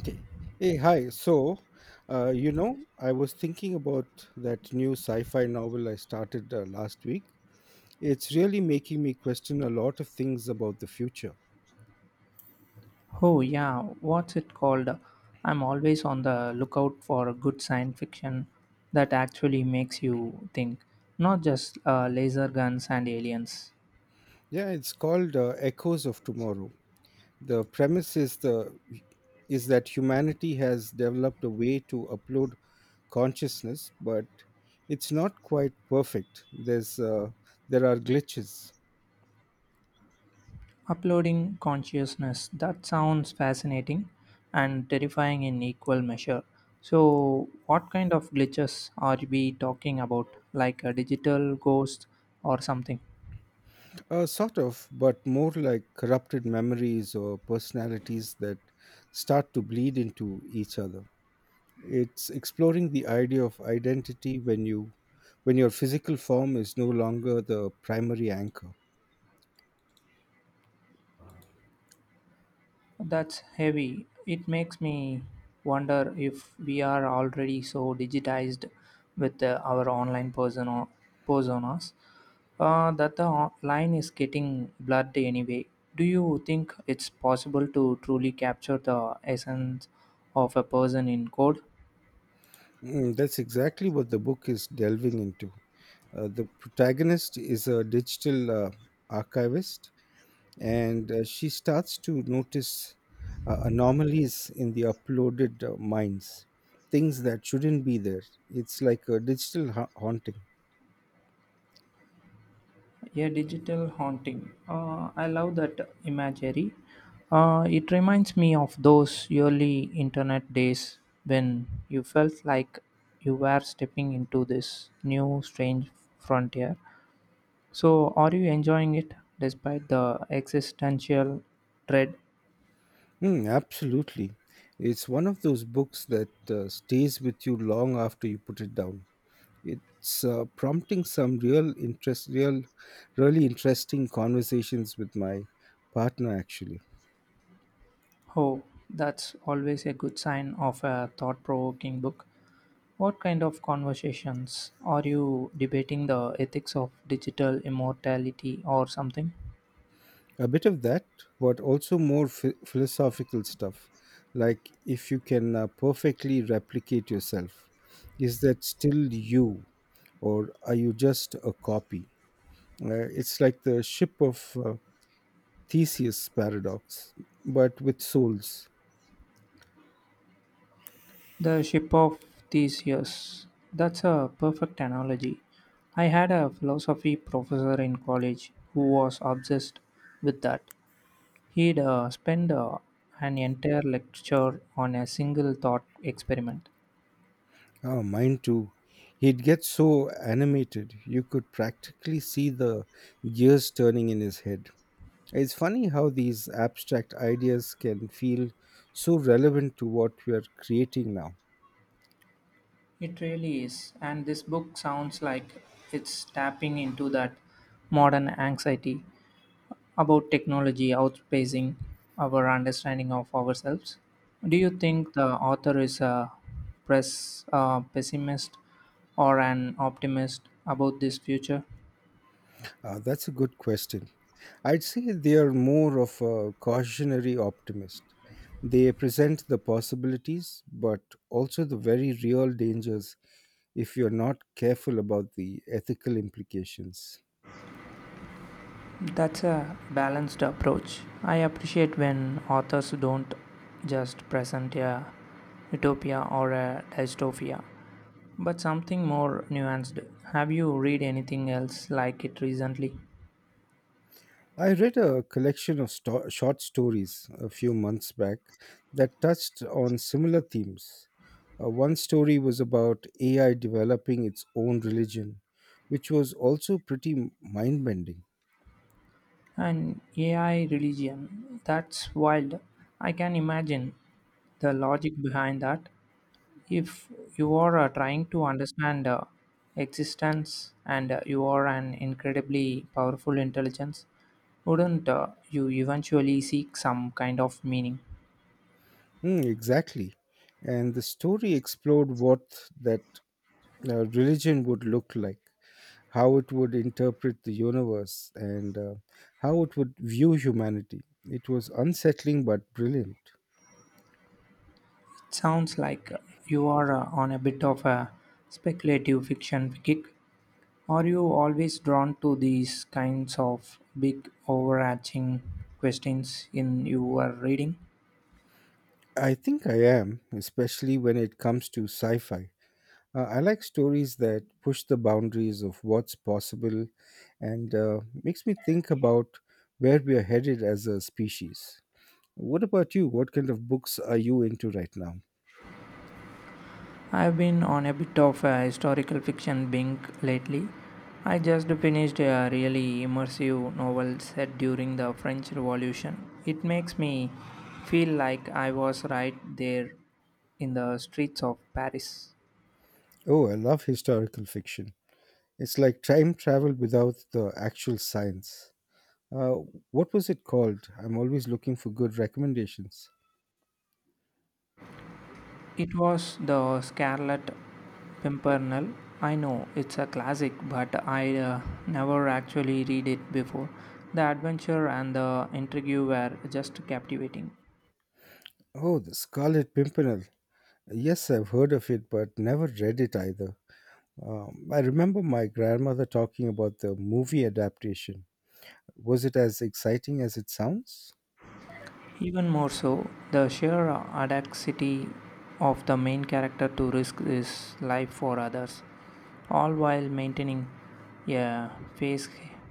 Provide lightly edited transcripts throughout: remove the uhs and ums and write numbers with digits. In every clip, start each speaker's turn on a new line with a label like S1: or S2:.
S1: Okay. Hey, hi. So, I was thinking about that new sci fi novel I started last week. It's really making me question a lot of things about the future.
S2: Oh, yeah, what's it called? I'm always on the lookout for good science fiction that actually makes you think, not just laser guns and aliens.
S1: Yeah, it's called Echoes of Tomorrow. The premise is that humanity has developed a way to upload consciousness, but it's not quite perfect. There are glitches.
S2: Uploading consciousness, that sounds fascinating and terrifying in equal measure. So, what kind of glitches are we talking about? Like a digital ghost or something?
S1: Sort of, but more like corrupted memories or personalities that start to bleed into each other. It's exploring the idea of identity when your physical form is no longer the primary anchor.
S2: That's heavy. It makes me wonder if we are already so digitized with our online personas that the line is getting blurred anyway. Do you think it's possible to truly capture the essence of a person in code?
S1: That's exactly what the book is delving into. The protagonist is a digital archivist, and she starts to notice anomalies in the uploaded mines, things that shouldn't be there. It's like a digital haunting.
S2: A digital haunting. I love that imagery. It reminds me of those early internet days when you felt like you were stepping into this new strange frontier. So, are you enjoying it despite the existential dread?
S1: Hmm, absolutely. It's one of those books that stays with you long after you put it down. It's prompting some really interesting conversations with my partner, actually.
S2: Oh, that's always a good sign of a thought provoking book. What kind of conversations are you debating the ethics of digital immortality or something?
S1: A bit of that, but also more philosophical stuff. Like, if you can perfectly replicate yourself, is that still you, or are you just a copy? It's like the ship of Theseus paradox, but with souls.
S2: The ship of Theseus. That's a perfect analogy. I had a philosophy professor in college who was obsessed with that. He'd spend an entire lecture on a single thought experiment.
S1: Oh, mine too. He'd get so animated you could practically see the gears turning in his head. It's funny how these abstract ideas can feel so relevant to what we are creating now.
S2: It really is, and this book sounds like it's tapping into that modern anxiety about technology outpacing our understanding of ourselves. Do you think the author is a press pessimist or an optimist about this future?
S1: That's a good question. I'd say they are more of a cautionary optimist. They present the possibilities, but also the very real dangers if you're not careful about the ethical implications.
S2: That's a balanced approach. I appreciate when authors don't just present a utopia or a dystopia, but something more nuanced. Have you read anything else like it recently?
S1: I read a collection of short stories a few months back that touched on similar themes. One story was about AI developing its own religion, which was also pretty mind bending.
S2: An AI religion? That's wild. I can imagine the logic behind that. If you are trying to understand existence and you are an incredibly powerful intelligence, wouldn't you eventually seek some kind of meaning?
S1: Hmm, exactly. And the story explored what that religion would look like, how it would interpret the universe, and how it would view humanity. It was unsettling but brilliant.
S2: Sounds like you are on a bit of a speculative fiction kick. Are you always drawn to these kinds of big overarching questions in your reading?
S1: I think I am, especially when it comes to sci fi. I like stories that push the boundaries of what's possible and makes me think about where we are headed as a species. What about you? What kind of books are you into right now?
S2: I've been on a bit of a historical fiction bink lately. I just finished a really immersive novel set during the French Revolution. It makes me feel like I was right there in the streets of Paris.
S1: Oh, I love historical fiction. It's like time travel without the actual science. Uh, what was it called? I'm always looking for good recommendations.
S2: It was the Scarlet Pimpernel. I know it's a classic, but I never actually read it before. The adventure and the intrigue were just captivating.
S1: Oh, The Scarlet Pimpernel. Yes, I've heard of it, but never read it either. I remember my grandmother talking about the movie adaptation. Was it as exciting as it sounds?
S2: Even more so, the sheer audacity of the main character to risk his life for others, all while maintaining a face,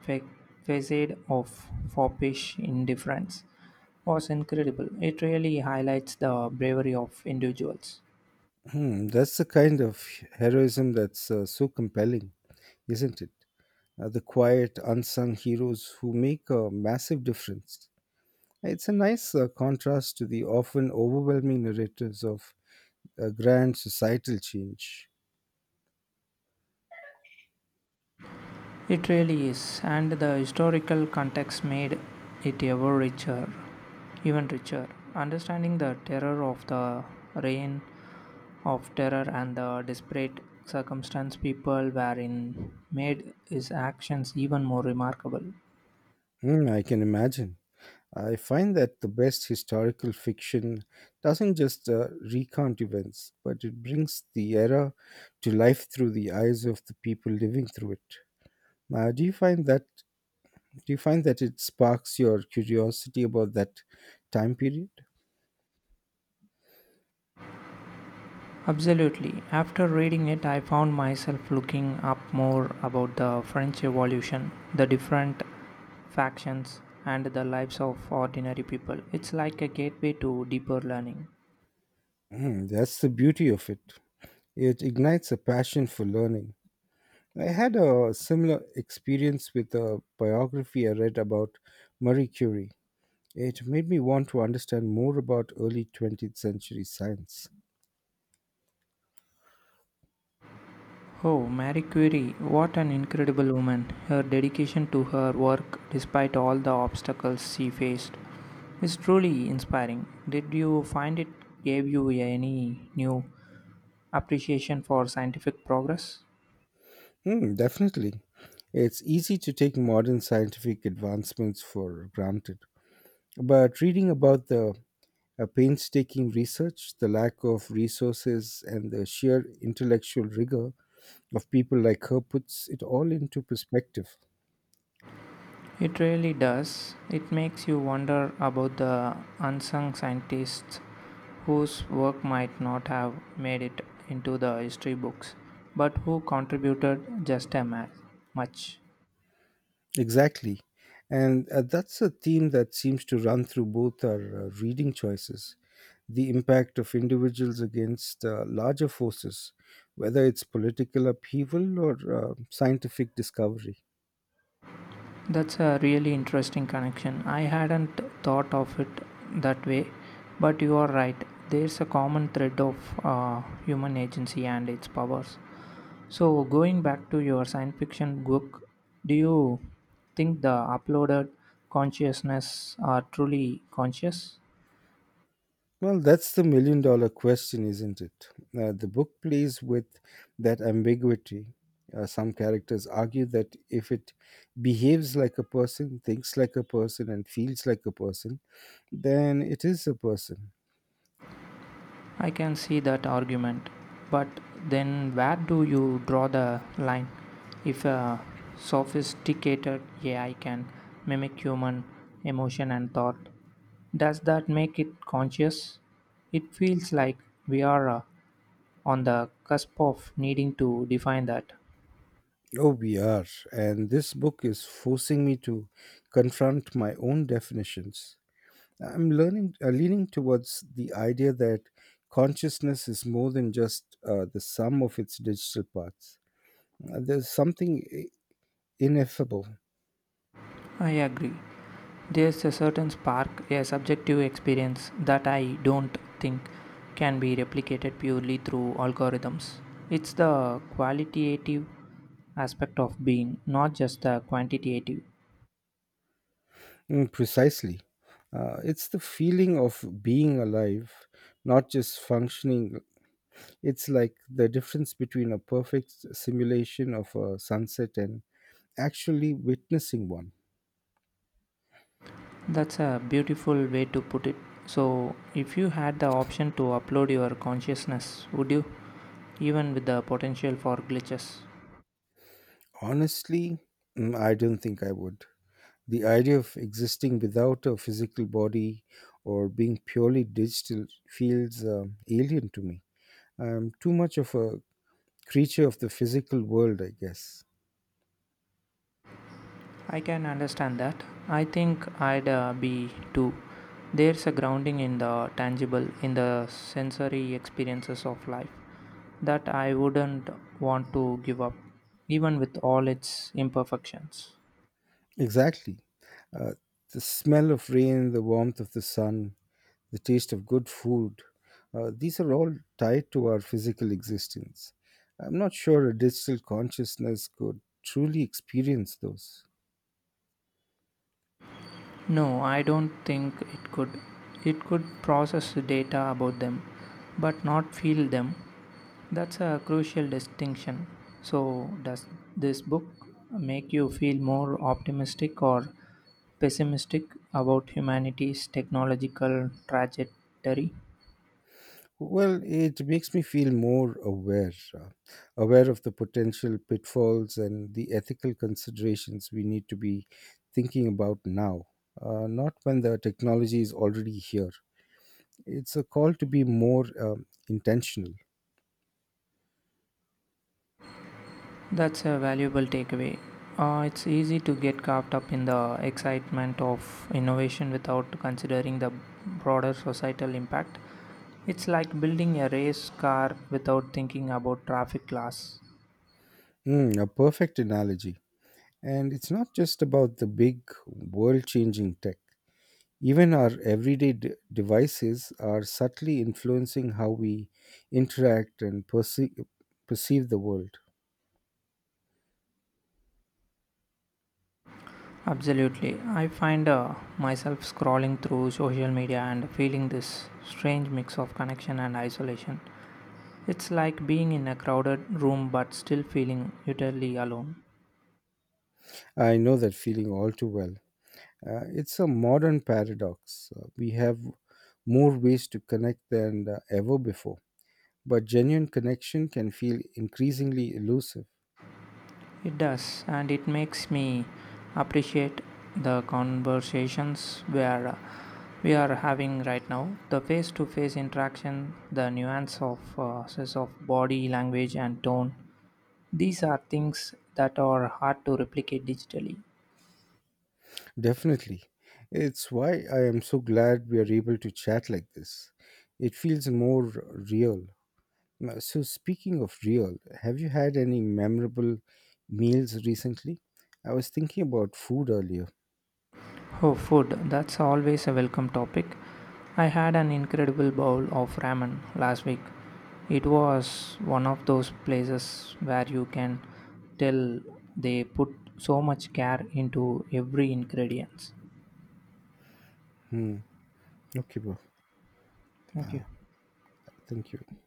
S2: fa- facade of foppish indifference, was incredible. It really highlights the bravery of individuals.
S1: Hmm, that's the kind of heroism that's so compelling, isn't it? The quiet, unsung heroes who make a massive difference. It's a nice contrast to the often overwhelming narratives of grand societal change.
S2: It really is, and the historical context made it ever richer, even richer. Understanding the terror of the reign of terror and the desperate circumstance people were in made his actions even more remarkable.
S1: Hmm, I can imagine. I find that the best historical fiction doesn't just recount events, but it brings the era to life through the eyes of the people living through it. Do you find that do you find that it sparks your curiosity about that time period?
S2: Absolutely. After reading it, I found myself looking up more about the French Revolution, the different factions, and the lives of ordinary people. It's like a gateway to deeper learning.
S1: Hmm, that's the beauty of it. It ignites a passion for learning. I had a similar experience with a biography I read about Marie Curie. It made me want to understand more about early 20th century science.
S2: Oh, Marie Curie, what an incredible woman. Her dedication to her work, despite all the obstacles she faced, is truly inspiring. Did you find it gave you any new appreciation for scientific progress?
S1: Hmm, definitely. It's easy to take modern scientific advancements for granted. But reading about the painstaking research, the lack of resources, and the sheer intellectual rigor of people like her puts it all into perspective.
S2: It really does. It makes you wonder about the unsung scientists whose work might not have made it into the history books, but who contributed just as much.
S1: Exactly. And that's a theme that seems to run through both our reading choices, the impact of individuals against larger forces, whether it's political upheaval or scientific discovery.
S2: That's a really interesting connection. I hadn't thought of it that way, but you are right. There's a common thread of human agency and its powers. So, going back to your science fiction book, do you think the uploaded consciousness are truly conscious?
S1: Well, that's the million dollar question, isn't it? The book plays with that ambiguity. Some characters argue that if it behaves like a person, thinks like a person, and feels like a person, then it is a person.
S2: I can see that argument, but then where do you draw the line? If a sophisticated AI can mimic human emotion and thought, does that make it conscious? It feels like we are on the cusp of needing to define that.
S1: Oh, we are. And this book is forcing me to confront my own definitions. I'm leaning towards the idea that consciousness is more than just the sum of its digital parts. There's something ineffable.
S2: I agree. There's a certain spark, a subjective experience that I don't think can be replicated purely through algorithms. It's the qualitative aspect of being, not just the quantitative.
S1: Mm, precisely. It's the feeling of being alive, not just functioning. It's like the difference between a perfect simulation of a sunset and actually witnessing one.
S2: That's a beautiful way to put it. So, if you had the option to upload your consciousness, would you? Even with the potential for glitches.
S1: Honestly, I don't think I would. The idea of existing without a physical body or being purely digital feels alien to me. I'm too much of a creature of the physical world, I guess.
S2: I can understand that. I think I'd be too. There's a grounding in the tangible, in the sensory experiences of life that I wouldn't want to give up, even with all its imperfections.
S1: Exactly. Uh, the smell of rain, the warmth of the sun, the taste of good food, these are all tied to our physical existence. I'm not sure a digital consciousness could truly experience those.
S2: No, I don't think it could. It could process data about them, but not feel them. That's a crucial distinction. So, does this book make you feel more optimistic or pessimistic about humanity's technological trajectory?
S1: Well, it makes me feel more aware of the potential pitfalls and the ethical considerations we need to be thinking about now, not when the technology is already here. It's a call to be more intentional.
S2: That's a valuable takeaway. It's easy to get caught up in the excitement of innovation without considering the broader societal impact. It's like building a race car without thinking about traffic laws.
S1: Mm, a perfect analogy. And it's not just about the big world changing tech. Even our everyday devices are subtly influencing how we interact and perceive the world.
S2: Absolutely. I find myself scrolling through social media and feeling this strange mix of connection and isolation. It's like being in a crowded room but still feeling utterly alone.
S1: I know that feeling all too well. It's a modern paradox. We have more ways to connect than ever before, but genuine connection can feel increasingly elusive.
S2: It does, and it makes me appreciate the conversations where we are having right now. The face-to-face interaction, the nuance of sense of body language and tone. These are things that are hard to replicate digitally.
S1: Definitely. It's why I am so glad we are able to chat like this. It feels more real. So, speaking of real, have you had any memorable meals recently? I was thinking about food earlier.
S2: Oh, food, that's always a welcome topic. I had an incredible bowl of ramen last week. It was one of those places where you can tell they put so much care into every ingredient.
S1: Hmm. Okay, bro.
S2: Thank you.
S1: Thank you.